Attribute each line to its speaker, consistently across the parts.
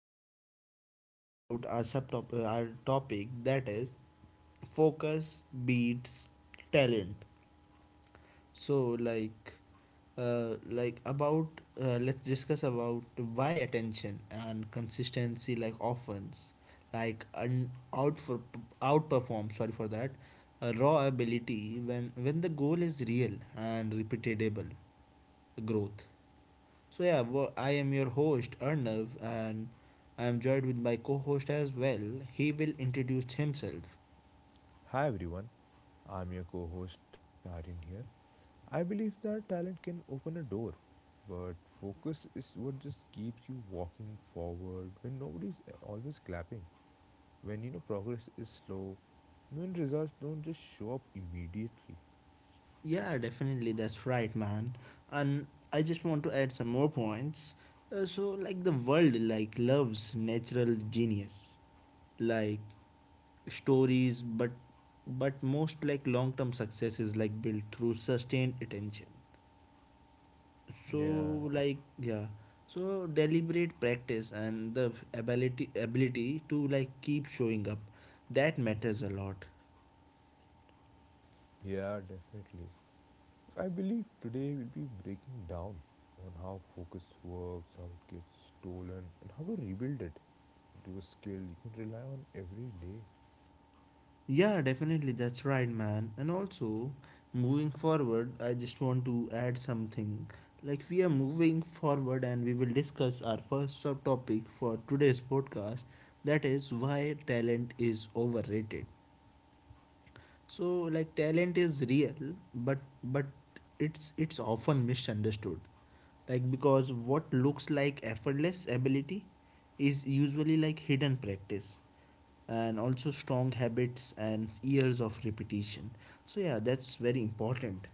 Speaker 1: podcast we're going to talk about our subtop our topic that is focus beats talent. So like about let's discuss about why attention and consistency like offense like un- out for outperform. Sorry for that. Raw ability when the goal is real and repeatable growth. So I am your host Arnav, and I am joined with my co-host as well. He will introduce himself.
Speaker 2: Hi everyone, I'm your co host Aryan here. I believe that talent can open a door, but focus is what just keeps you walking forward when nobody's always clapping, when you know progress is slow, and when results don't just show up immediately.
Speaker 1: Yeah, definitely, that's right, man. And I just want to add some more points. Like the world, like loves natural genius, like stories, but most like long-term success is like built through sustained attention. So
Speaker 2: Yeah,
Speaker 1: like yeah deliberate practice and the ability to like keep showing up, that matters a lot.
Speaker 2: yeah, definitely. I believe today we'll be breaking down on how focus works, how it gets stolen, and how to rebuild it into a skill you can rely on every day.
Speaker 1: Yeah, definitely, that's right, man. And also, moving forward, I just want to add something. Like, we are moving forward and we will discuss our first subtopic for today's podcast, that is why talent is overrated. So like talent is real, but it's often misunderstood. Like because what looks like effortless ability is usually like hidden practice, and also strong habits and years of repetition. So yeah, that's very important.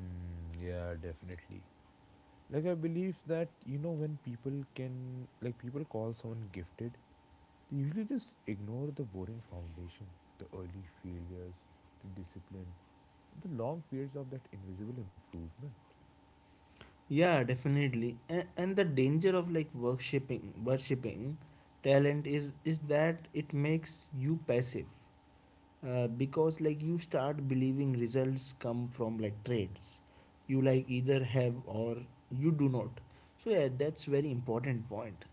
Speaker 2: Mm, yeah, definitely. Like I believe that you know when people can like people call someone gifted, they usually just ignore the boring foundation, the early failures, the discipline, the long periods of that invisible improvement.
Speaker 1: Yeah, definitely. And the danger of like worshipping talent is that it makes you passive, because like you start believing results come from like traits you like either have or you do not. So yeah, that's very important point.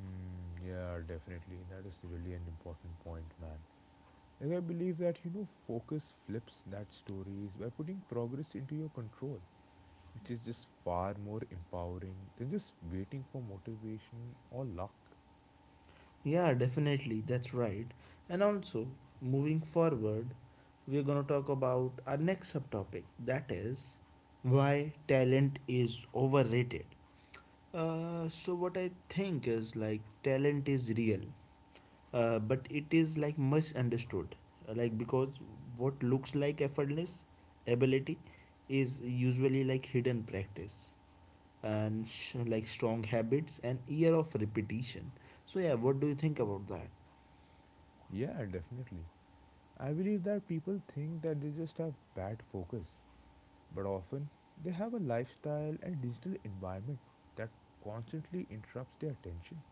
Speaker 2: Mm, yeah, definitely. That is really an important point, man. Like I believe that you know focus flips that stories by putting progress into your control, which is just far more empowering than just waiting for motivation or luck.
Speaker 1: Yeah, definitely. That's right. And also, moving forward, we're going to talk about our next subtopic, that is why talent is overrated. What I think is like talent is real, but it is like misunderstood. Like, because what looks like effortless ability is usually like hidden practice and like strong habits and year of repetition. So, yeah, what do you think about that?
Speaker 2: Yeah, definitely. I believe that people think that they just have bad focus, but often they have a lifestyle and digital environment that constantly interrupts their attention.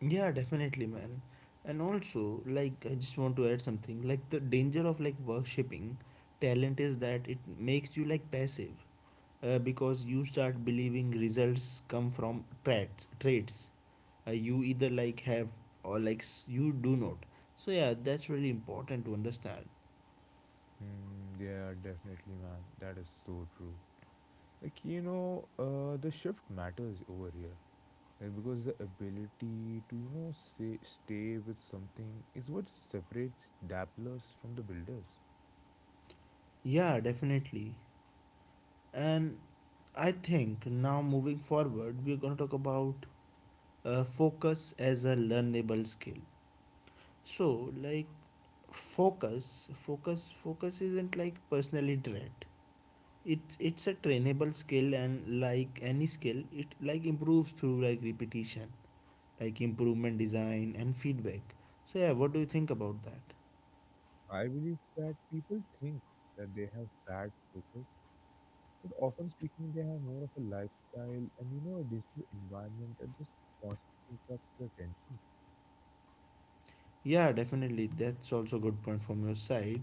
Speaker 1: Yeah, definitely, man. And also, like, I just want to add something. Like, the danger of like worshipping talent is that it makes you like passive, because you start believing results come from traits. Traits you either like have, or you do not. So yeah, that's really important to understand.
Speaker 2: Hmm, yeah, definitely, man. That is so true. Like, you know, the shift matters over here. Like, because the ability to, you know, say, stay with something is what separates dabblers from the builders.
Speaker 1: Yeah, definitely. And I think now moving forward, we're gonna talk about focus as a learnable skill. So, like focus isn't like personally trained. It's a trainable skill, and like any skill, it like improves through like repetition, like improvement, design, and feedback. So yeah, what do you think about that?
Speaker 2: I believe that people think that they have bad focus. But often speaking, they have more of a lifestyle and you know, a digital environment that just constantly interrupts your attention.
Speaker 1: Yeah, definitely. That's also a good point from your side.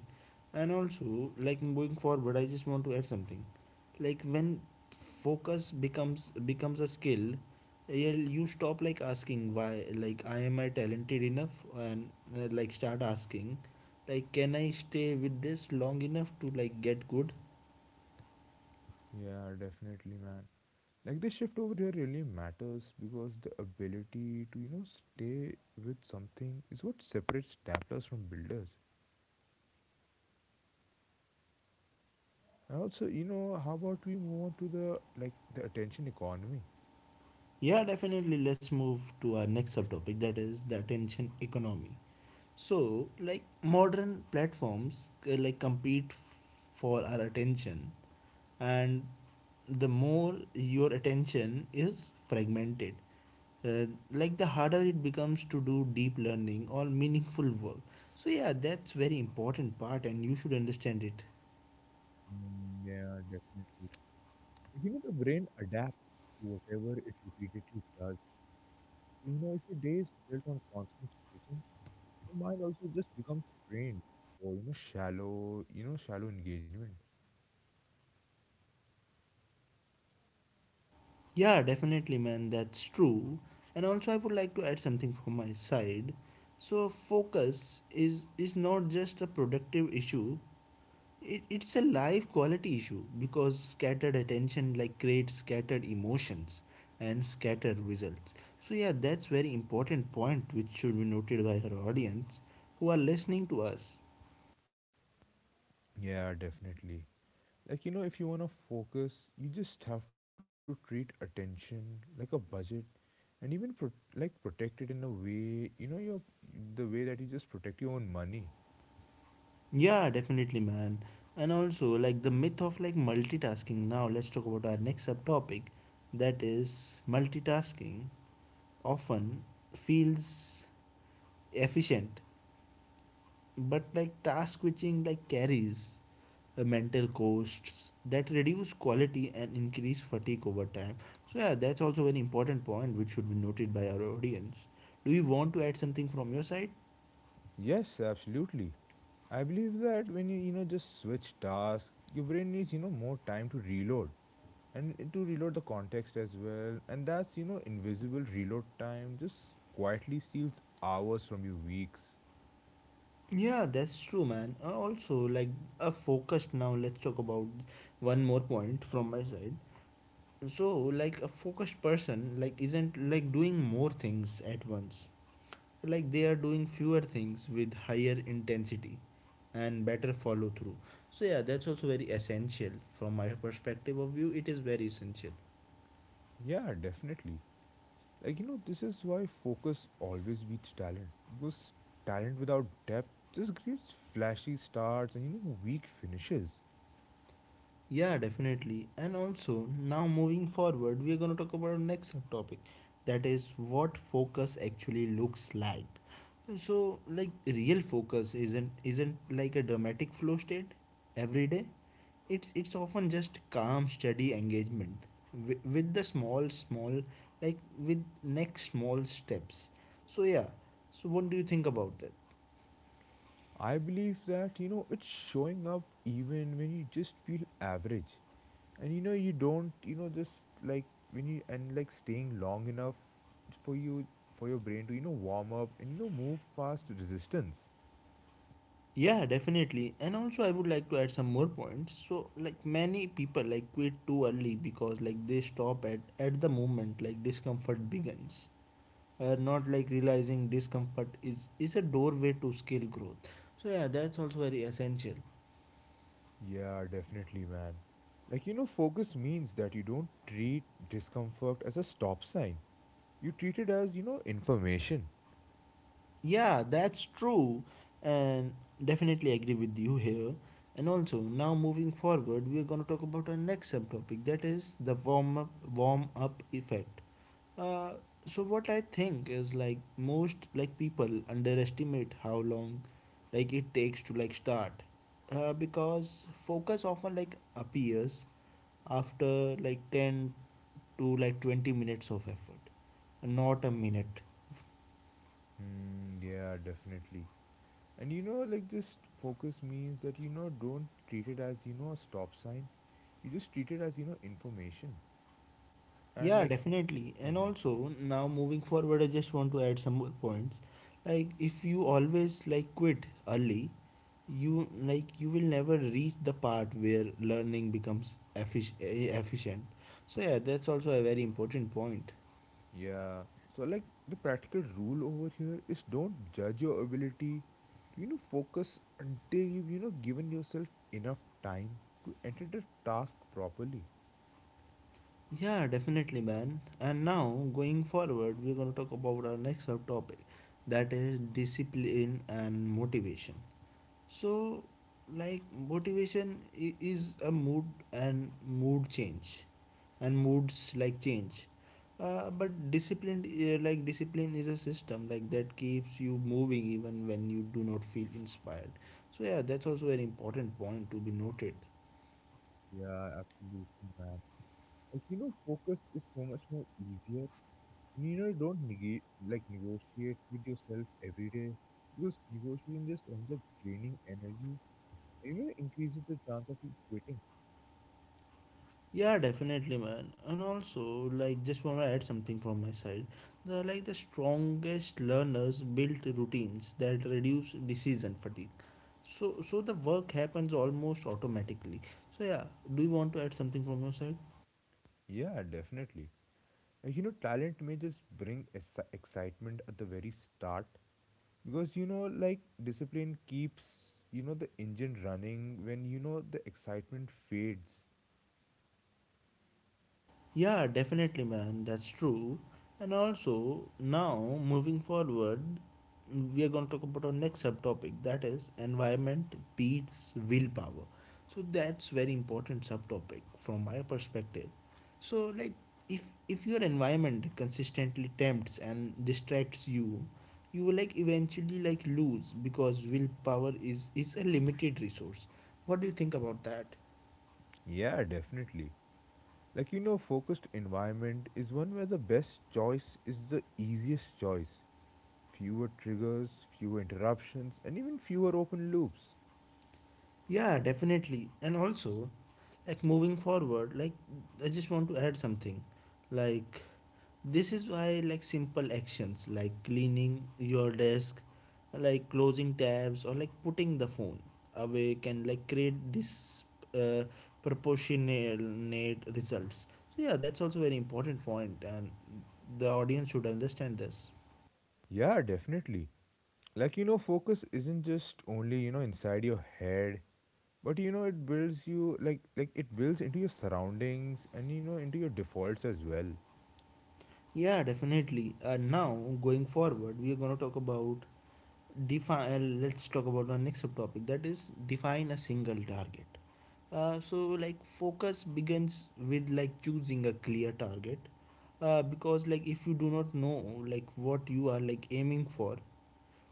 Speaker 1: And also, like moving forward, I just want to add something. Like when focus becomes a skill, yeah, you stop like asking, why, like I am I talented enough? And like start asking, like, can I stay with this long enough to like get good?
Speaker 2: Yeah, definitely, man. Like the shift over here really matters because the ability to you know stay with something is what separates dabblers from builders. And also, you know, how about we move on to the attention economy?
Speaker 1: Yeah, definitely. Let's move to our next subtopic, that is the attention economy. So like modern platforms like compete for our attention, and the more your attention is fragmented, uh, like the harder it becomes to do deep learning or meaningful work. So yeah, that's very important part and you should understand it.
Speaker 2: Mm, yeah, definitely. Like, you know, the brain adapts to whatever it repeatedly does. You know, if your day is built on constant switching, the mind also just becomes strained or you know shallow engagement.
Speaker 1: Yeah, definitely, man, that's true. And also, I would like to add something from my side. So focus is not just a productive issue. It's a life quality issue, because scattered attention like creates scattered emotions and scattered results. So yeah, that's very important point, which should be noted by her audience who are listening to us.
Speaker 2: Yeah, definitely. Like you know, if you wanna focus, you just have to treat attention like a budget, and even like protect it in a way you know your the way that you just protect your own money.
Speaker 1: Yeah, definitely, man. And also, like the myth of like multitasking. Now let's talk about our next subtopic, that is multitasking often feels efficient, but like task switching like carries mental costs that reduce quality and increase fatigue over time. So yeah, that's also an important point which should be noted by our audience. Do you want to add something from your side?
Speaker 2: Yes, absolutely. I believe that when you know just switch tasks, your brain needs you know more time to reload, and to reload the context as well. And that's you know invisible reload time just quietly steals hours from your weeks.
Speaker 1: Yeah, that's true, man. Also like a focused Now let's talk about one more point from my side. So like a focused person like isn't like doing more things at once. Like they are doing fewer things with higher intensity and better follow through. So yeah, that's also very essential from my perspective of view, it is very essential.
Speaker 2: Yeah, definitely. Like you know this is why focus always beats talent because talent without depth just creates flashy starts and you know weak finishes.
Speaker 1: Yeah, definitely. And also, now moving forward, we are going to talk about our next subtopic, that is what focus actually looks like. So like real focus isn't like a dramatic flow state every day. It's often just calm steady engagement with the small like with next small steps. So yeah, so what do you think about that?
Speaker 2: I believe that you know it's showing up even when you just feel average. And you know you don't you know just like when you and like staying long enough for you for your brain to you know warm up and you know move past resistance.
Speaker 1: Yeah, definitely. And also, I would like to add some more points. So like many people like quit too early, because like they stop at the moment like discomfort begins, not like realizing discomfort is a doorway to skill growth. So yeah, that's also very essential.
Speaker 2: Yeah definitely man, like you know focus means that you don't treat discomfort as a stop sign, you treat it as you know information.
Speaker 1: Yeah, that's true, and definitely agree with you here. And also, now moving forward, we are going to talk about our next subtopic, that is the warm up effect. Uh, so what I think is like most like people underestimate how long like it takes to like start, because focus often like appears after like 10 to like 20 minutes of effort, not a minute.
Speaker 2: Mm, yeah definitely. And you know like just focus means that you know don't treat it as you know a stop sign, you just treat it as you know information and
Speaker 1: Yeah,
Speaker 2: like.
Speaker 1: definitely. And
Speaker 2: Mhm.
Speaker 1: also, now moving forward, I just want to add some more points. Like, if you always like quit early, you like you will never reach the part where learning becomes efficient. So yeah, that's also a very important point.
Speaker 2: Yeah. So like the practical rule over here is don't judge your ability. You know, focus until you've you know given yourself enough time to enter the task properly.
Speaker 1: Yeah, definitely, man. And now going forward, we're gonna talk about our next subtopic, that is discipline and motivation. So like motivation is a mood, and mood change, and moods like change, but discipline, like discipline is a system like that keeps you moving even when you do not feel inspired. So yeah, that's also an important point to be noted.
Speaker 2: Yeah, absolutely, man. Like you know, focus is so much more easier, and you know, don't negate like negotiate with yourself every day because negotiating just ends up draining energy. And, you know, increases the chance of you quitting.
Speaker 1: Yeah, definitely, man. And also, like, just want to add something from my side. The strongest learners built routines that reduce decision fatigue. So the work happens almost automatically. So, yeah. Do you want to add something from your side?
Speaker 2: Yeah, definitely. You know, talent may just bring excitement at the very start because you know, like discipline keeps you know the engine running when you know the excitement fades.
Speaker 1: Yeah, definitely, man, that's true. And also, now moving forward, we are going to talk about our next subtopic, that is environment beats willpower. So that's very important subtopic from my perspective. So like if your environment consistently tempts and distracts you, you will like eventually like lose, because willpower is a limited resource. What do you think about that?
Speaker 2: Yeah, definitely. Like you know, focused environment is one where the best choice is the easiest choice. Fewer triggers, fewer interruptions, and even fewer open loops.
Speaker 1: Yeah, definitely. And also, like moving forward, like I just want to add something. Like this is why like simple actions like cleaning your desk, like closing tabs or like putting the phone away can like create this uh, proportionate results. So yeah, that's also very important point and the audience should understand this.
Speaker 2: Yeah, definitely. Like, you know, focus isn't just only, you know, inside your head, but you know it builds you like it builds into your surroundings and you know into your defaults as well.
Speaker 1: Yeah, definitely. And now going forward, we are going to talk about define. Let's talk about our next subtopic, that is define a single target. So like focus begins with like choosing a clear target, because like if you do not know like what you are like aiming for,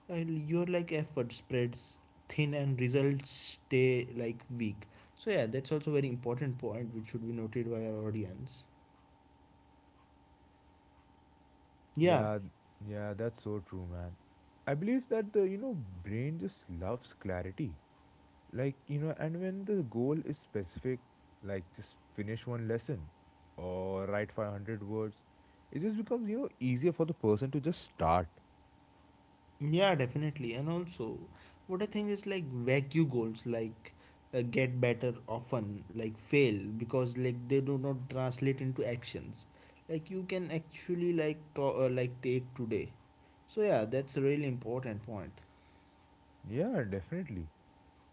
Speaker 1: your like effort spreads thin and results stay like weak. So yeah, that's also very important point which should be noted by our audience. Yeah,
Speaker 2: Yeah yeah that's so true man. I believe that the you know brain just loves clarity, like you know and when the goal is specific, like just finish one lesson or write 500 words, it just becomes you know easier for the person to just start.
Speaker 1: Yeah, definitely. And also, what I think is like vacuum goals, like get better often, like fail because like they do not translate into actions. Like you can actually like take today. So yeah, that's a really important point.
Speaker 2: Yeah definitely,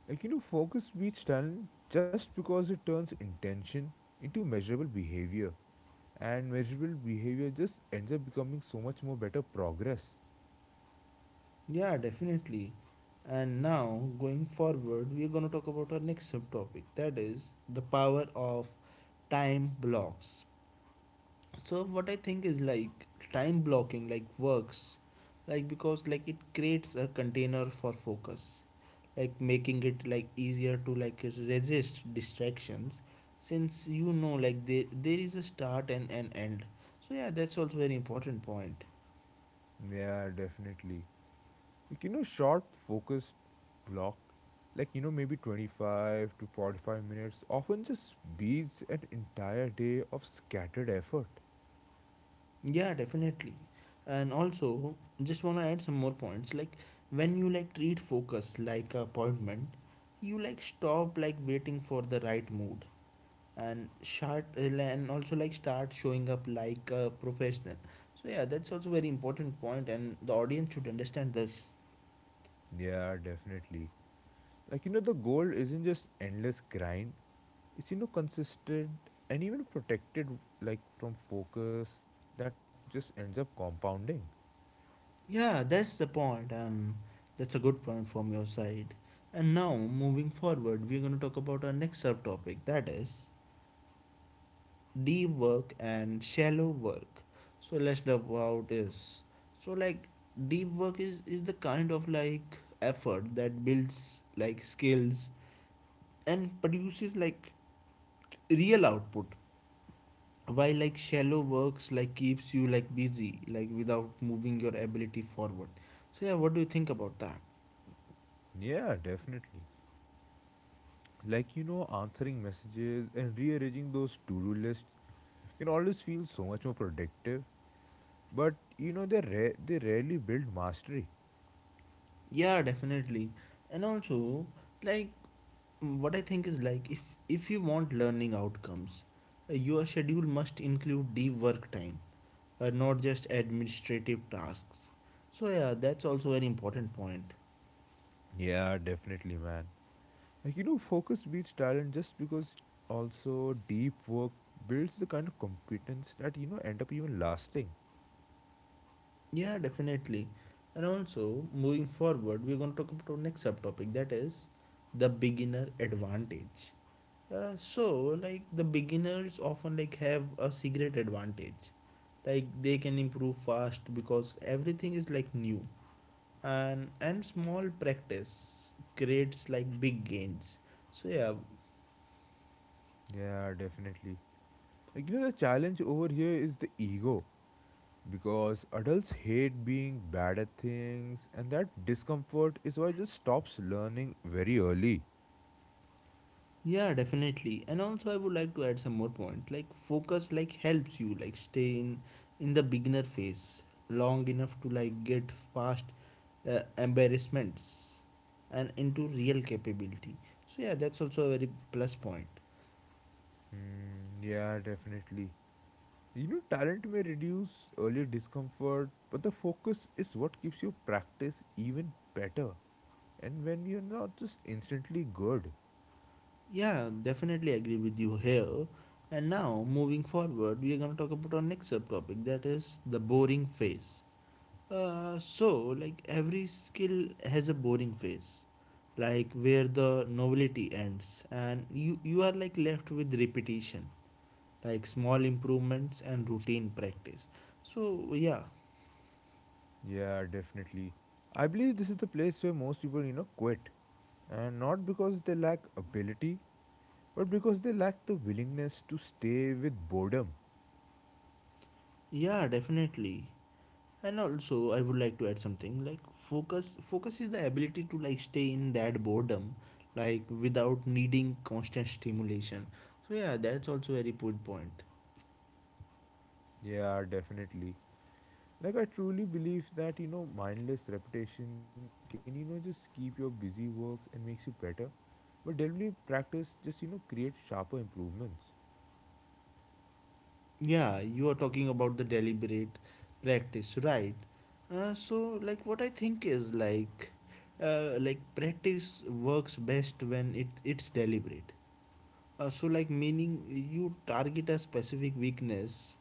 Speaker 2: like you know focus beats talent just because it turns intention into measurable behavior, and measurable behavior just ends up becoming so much more better progress.
Speaker 1: Yeah, definitely. And now going forward, we're gonna talk about our next subtopic. That is the power of time blocks. So what I think is like, time blocking like works like because like it creates a container for focus, like making it like easier to like resist distractions, since you know like there is a start and an end. So yeah, that's also very important point.
Speaker 2: Yeah definitely, like you know short focused block, like you know maybe 25 to 45 minutes often just beats an entire day of scattered effort.
Speaker 1: Yeah, definitely. And also, just want to add some more points, like when you like treat focus like appointment, you like stop like waiting for the right mood, and start and also like start showing up like a professional. So yeah, that's also very important point, and the audience should understand this.
Speaker 2: Yeah definitely, like you know the goal isn't just endless grind, it's you know consistent and even protected, like from focus that just ends up compounding.
Speaker 1: Yeah, that's the point, and that's a good point from your side. And now moving forward, we're going to talk about our next subtopic, that is deep work and shallow work. So let's talk about this. So like deep work is the kind of like effort that builds like skills and produces like real output, while like shallow works like keeps you like busy, like without moving your ability forward. So yeah, what do you think about that?
Speaker 2: Yeah definitely, like you know answering messages and rearranging those to-do lists can always feel so much more productive, but you know they rarely build mastery.
Speaker 1: Yeah, definitely. And also like what I think is like, if you want learning outcomes, your schedule must include deep work time, not just administrative tasks. So yeah, that's also an important point.
Speaker 2: Yeah definitely man, like you know focus beats talent just because also deep work builds the kind of competence that you know end up even lasting.
Speaker 1: Yeah, definitely. And also, moving forward, we're going to talk about our next subtopic that is the beginner advantage. So, like the beginners often like have a secret advantage. Like they can improve fast because everything is like new. And small practice creates like big gains. So yeah,
Speaker 2: Yeah definitely, like you know the challenge over here is the ego because adults hate being bad at things and that discomfort is why just stops learning very early.
Speaker 1: yeah, definitely. And also I would like to add some more point. Like focus like helps you like stay in the beginner phase long enough to like get past embarrassments and into real capability. So yeah, that's also a very plus point.
Speaker 2: Mm, yeah definitely. You know talent may reduce early discomfort but the focus is what keeps your practice even better, and when you're not just instantly good.
Speaker 1: Yeah, definitely agree with you here. And now moving forward, we are going to talk about our next subtopic that is the boring phase. So, like every skill has a boring phase, like where the novelty ends, and you are like left with repetition, like small improvements and routine practice. So, yeah,
Speaker 2: Yeah definitely, I believe this is the place where most people you know quit, and not because they lack ability but because they lack the willingness to stay with boredom.
Speaker 1: yeah, definitely. And also, I would like to add something like focus. Focus is the ability to like stay in that boredom, like without needing constant stimulation. So, yeah, that's also a very good point.
Speaker 2: Yeah, definitely. Like I truly believe that you know mindless repetition can you know just keep your busy works and makes you better, but deliberate practice just you know creates sharper improvements.
Speaker 1: Yeah, you are talking about the deliberate practice, right? So, like, what I think is like practice works best when it's deliberate. So, like, meaning you target a specific weakness,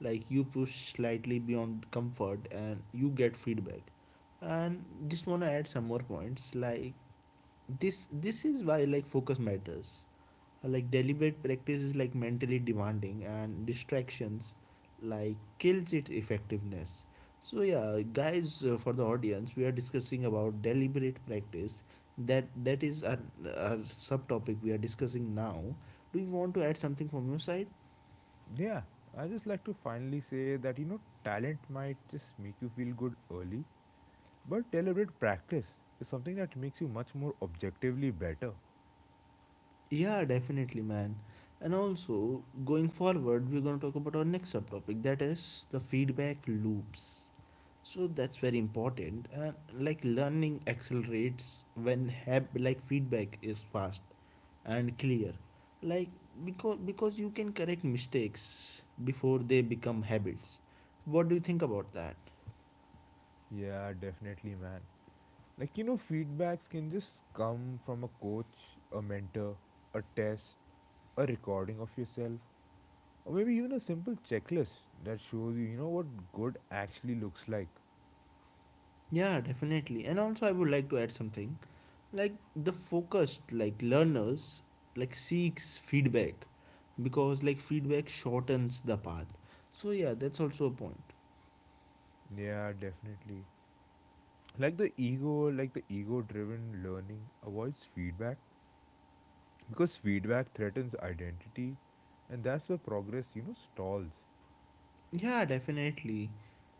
Speaker 1: like you push slightly beyond comfort, and you get feedback. And just wanna add some more points, like this is why like focus matters. Like deliberate practice is like mentally demanding, and distractions like kills its effectiveness. So yeah guys, for the audience, we are discussing about deliberate practice. That is our subtopic we are discussing now. Do you want to add something from your side?
Speaker 2: Yeah, I just like to finally say that you know talent might just make you feel good early, but deliberate practice is something that makes you much more objectively better.
Speaker 1: Yeah, definitely, man. And also, going forward, we're going to talk about our next subtopic that is the feedback loops. So that's very important. And like learning accelerates when have like feedback is fast and clear. Like because you can correct mistakes before they become habits. What do you think about that?
Speaker 2: Yeah, definitely, man. Like, you know, feedbacks can just come from a coach, a mentor, a test, a recording of yourself, or maybe even a simple checklist that shows you, you know, what good actually looks like.
Speaker 1: Yeah, definitely. And also, I would like to add something like the focused like learners like seeks feedback because like feedback shortens the path. So yeah, that's also a point.
Speaker 2: Yeah, definitely. Like the ego driven learning avoids feedback because feedback threatens identity and that's where progress, you know, stalls.
Speaker 1: Yeah, definitely,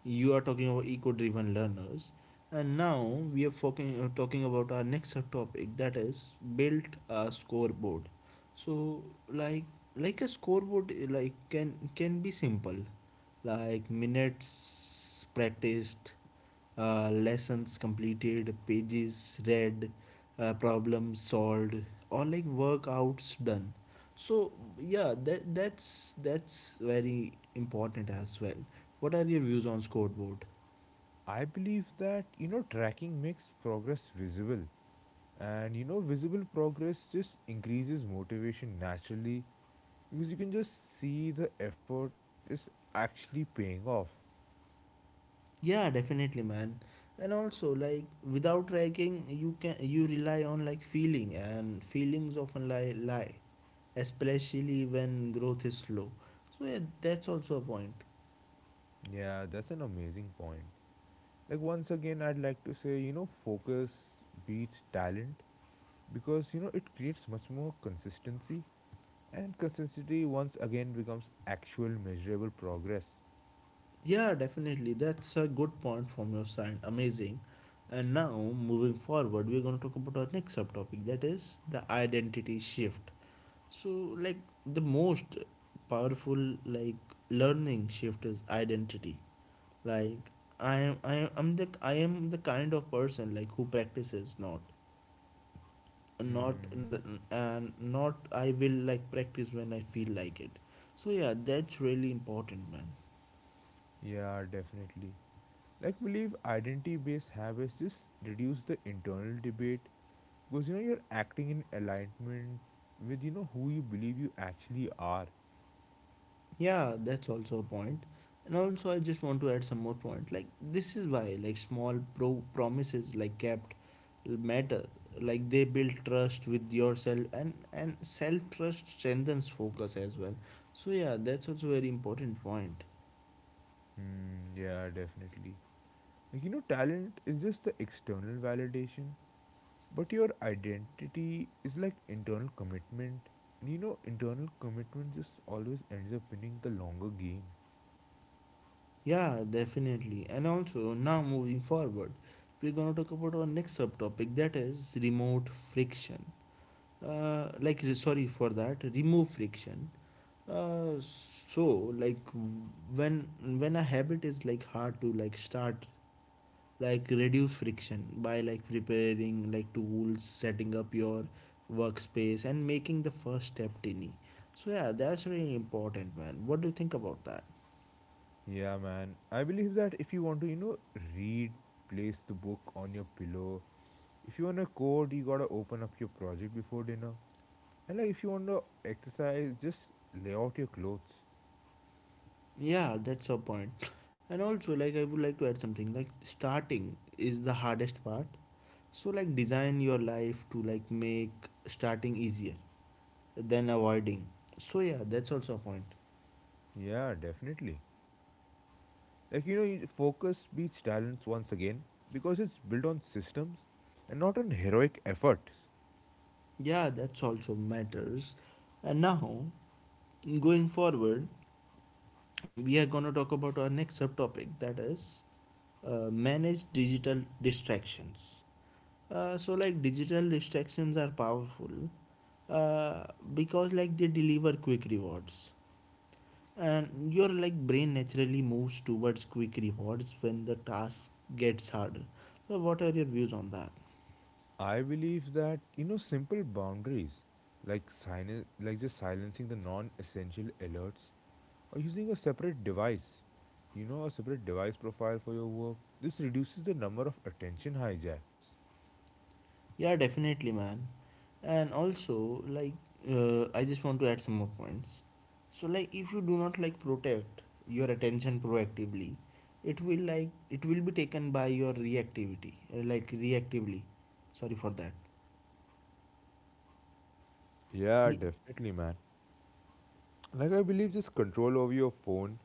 Speaker 1: you are talking about eco driven learners. And now we are talking about our next subtopic that is built a scoreboard. So like like a scoreboard, like can be simple, like minutes practiced, lessons completed, pages read, problems solved, or like workouts done. So yeah, that's very important as well. What are your views on scoreboard?
Speaker 2: I believe that, you know, tracking makes progress visible and, you know, visible progress just increases motivation naturally because you can just see the effort is actually paying off.
Speaker 1: Yeah, definitely, man. And also, like without tracking, you rely on like feeling, and feelings often lie, especially when growth is slow. So yeah, that's also a point.
Speaker 2: Yeah, that's an amazing point. Like once again I'd like to say you know focus beats talent because you know it creates much more consistency, and consistency once again becomes actual measurable progress.
Speaker 1: Yeah, definitely. That's a good point from your side. Amazing. And now, moving forward, we're going to talk about our next subtopic that is the identity shift. So, like, the most powerful, like, learning shift is identity. Like, I am the kind of person like who practices, not, not,
Speaker 2: Hmm
Speaker 1: and not. I will like practice when I feel like it. So yeah, that's really important, man.
Speaker 2: yeah definitely, like believe identity based habits just reduce the internal debate because you know you're acting in alignment with you know who you believe you actually are.
Speaker 1: Yeah, that's also a point. And also, I just want to add some more point. Like this is why like small pro promises like kept matter. Like they build trust with yourself, and self trust strengthens focus as well. So yeah, that's also very important point.
Speaker 2: Hmm yeah definitely, like you know talent is just the external validation. But your identity is like internal commitment. And you know, internal commitment just always ends up winning the longer game.
Speaker 1: Yeah, definitely. And also now moving forward, we're gonna talk about our next subtopic that is remote friction. Like re- sorry for that, remove friction. So like w- when when a habit is like hard to like start, like reduce friction by like preparing like tools, setting up your workspace, and making the first step tiny. So yeah, that's really important, man. What do you think about that?
Speaker 2: Yeah, man. I believe that if you want to, you know, read, place the book on your pillow. If you want to code, you gotta open up your project before dinner. And like, if you want to exercise, just lay out your clothes.
Speaker 1: Yeah, that's a point. And also like I would like to add something like starting is the hardest part. So like design your life to like make starting easier than avoiding. So yeah, that's also a point.
Speaker 2: Yeah, definitely. Like, you know, you focus beats talents once again because it's built on systems and not on heroic efforts.
Speaker 1: Yeah, that's also matters. And now, going forward, we are going to talk about our next subtopic that is manage digital distractions. So, like, digital distractions are powerful, uh, because, like, they deliver quick rewards, and your like brain naturally moves towards quick rewards when the task gets harder. So, what are your views on that?
Speaker 2: I believe that you know simple boundaries like silence, like just silencing the non-essential alerts or using a separate device, you know, a separate device profile for your work. This reduces the number of attention hijacks.
Speaker 1: Yeah, definitely, man. And also, like, I just want to add some more points. So, like, if you do not like protect your attention proactively, it will be taken by your reactivity, like reactively. Sorry for that.
Speaker 2: Yeah,
Speaker 1: Y-
Speaker 2: definitely, man. Like I believe this control over your phone,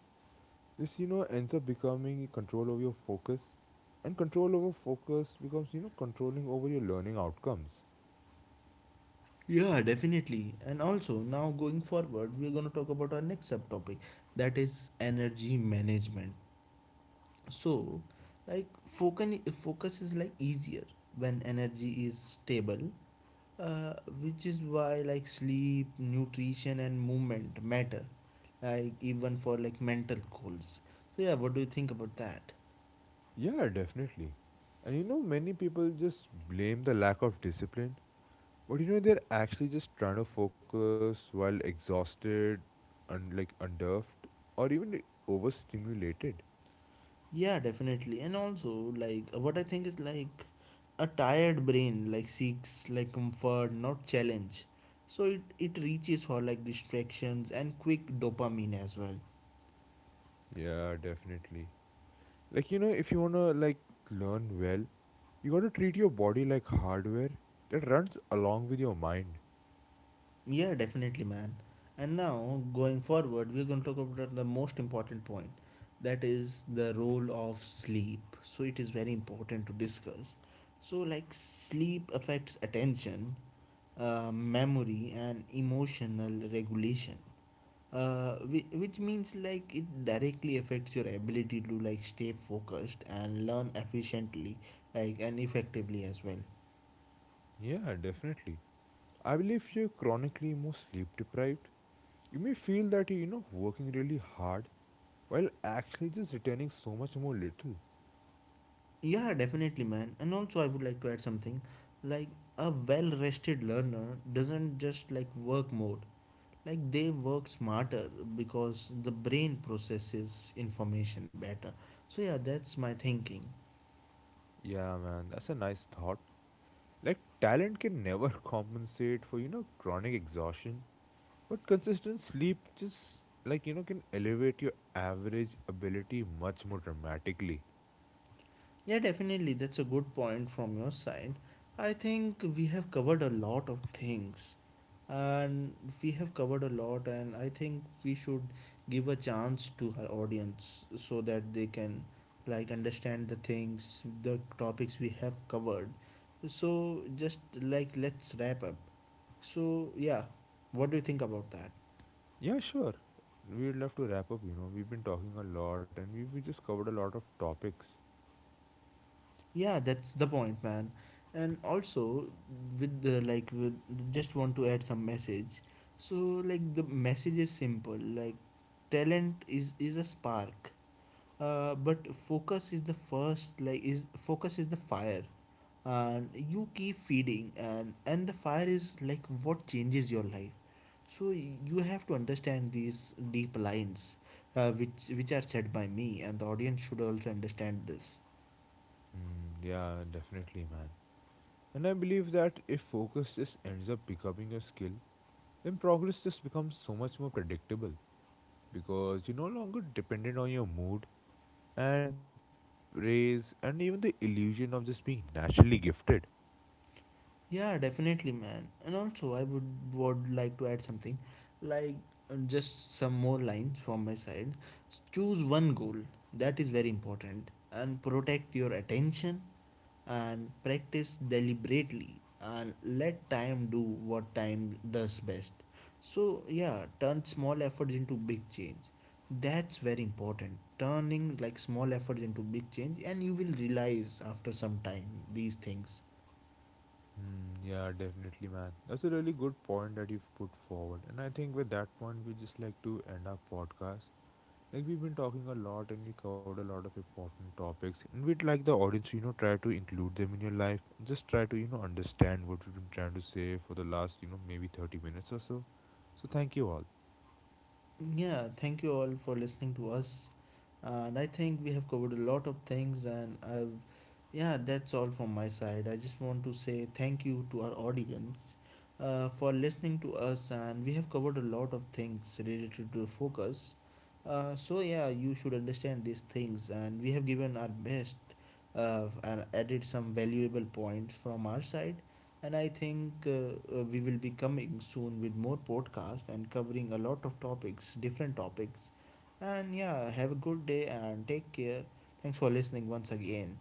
Speaker 2: this you know ends up becoming control over your focus, and control over focus becomes you know controlling over your learning outcomes.
Speaker 1: Yeah, definitely. And also, now going forward, we're going to talk about our next subtopic that is energy management. So, like focus is like easier when energy is stable, uh, which is why like sleep, nutrition and movement matter, like even for like mental goals. So yeah, what do you think about that?
Speaker 2: Yeah, definitely. And you know, many people just blame the lack of discipline. But you know, they're actually just trying to focus while exhausted and like unnerved or even overstimulated.
Speaker 1: Yeah, definitely. And also like what I think is like a tired brain like seeks like comfort, not challenge. So it reaches for like distractions and quick dopamine as well.
Speaker 2: Yeah, definitely. Like, you know, if you wanna like learn well, you gotta treat your body like hardware that runs along with your mind.
Speaker 1: Yeah, definitely, man. And now, going forward, we're going to talk about the most important point that is the role of sleep. So, it is very important to discuss. So, like, sleep affects attention, memory, and emotional regulation. Which means like it directly affects your ability to like stay focused and learn efficiently, like and effectively as well.
Speaker 2: Yeah, definitely. I believe if you're chronically more sleep deprived, you may feel that you're, you know, working really hard while actually just returning so much more little.
Speaker 1: Yeah, definitely, man. And also, I would like to add something like a well rested learner doesn't just like work more, like they work smarter because the brain processes information better. So, yeah, that's my thinking.
Speaker 2: Yeah, man, that's a nice thought. Like talent can never compensate for, you know, chronic exhaustion, but consistent sleep just like, you know, can elevate your average ability much more dramatically.
Speaker 1: Yeah, definitely. That's a good point from your side. I think we have covered a lot of things, and we have covered a lot, and I think we should give a chance to our audience so that they can like understand the things, the topics we have covered. So just like let's wrap up. So yeah, what do you think about that?
Speaker 2: Yeah, sure. We'd love to wrap up, you know. We've been talking a lot and we just covered a lot of topics.
Speaker 1: Yeah, that's the point, man. And also, with the like, with just want to add some message. So, like, the message is simple. Like, talent is a spark, but focus is the first. Like, is focus is the fire, and you keep feeding, and the fire is like what changes your life. So y- you have to understand these deep lines, which are said by me, and the audience should also understand this.
Speaker 2: Hmm, yeah, definitely, man. And I believe that if focus just ends up becoming a skill, then progress just becomes so much more predictable because you're no longer dependent on your mood and praise and even the illusion of just being naturally gifted.
Speaker 1: Yeah, definitely, man. And also, I would like to add something, like just some more lines from my side. S- Choose one goal, that is very important, and protect your attention, and practice deliberately, and let time do what time does best. So yeah, turn small efforts into big change. That's very important. Turning like small efforts into big change, and you will realize after some time these things.
Speaker 2: Hmm, yeah, definitely, man. That's a really good point that you've put forward. And I think with that point, we just like to end our podcast. Like we've been talking a lot and we covered a lot of important topics, and we'd like the audience, to, you know, try to include them in your life and just try to, you know, understand what we've been trying to say for the last, you know, maybe 30 minutes or so. So thank you all.
Speaker 1: Yeah, thank you all for listening to us. And I think we have covered a lot of things, and I've, yeah, that's all from my side. I just want to say thank you to our audience for listening to us, and we have covered a lot of things related to focus. So, yeah, you should understand these things, and we have given our best and added some valuable points from our side. And I think we will be coming soon with more podcasts and covering a lot of topics, different topics. And yeah, have a good day and take care. Thanks for listening once again.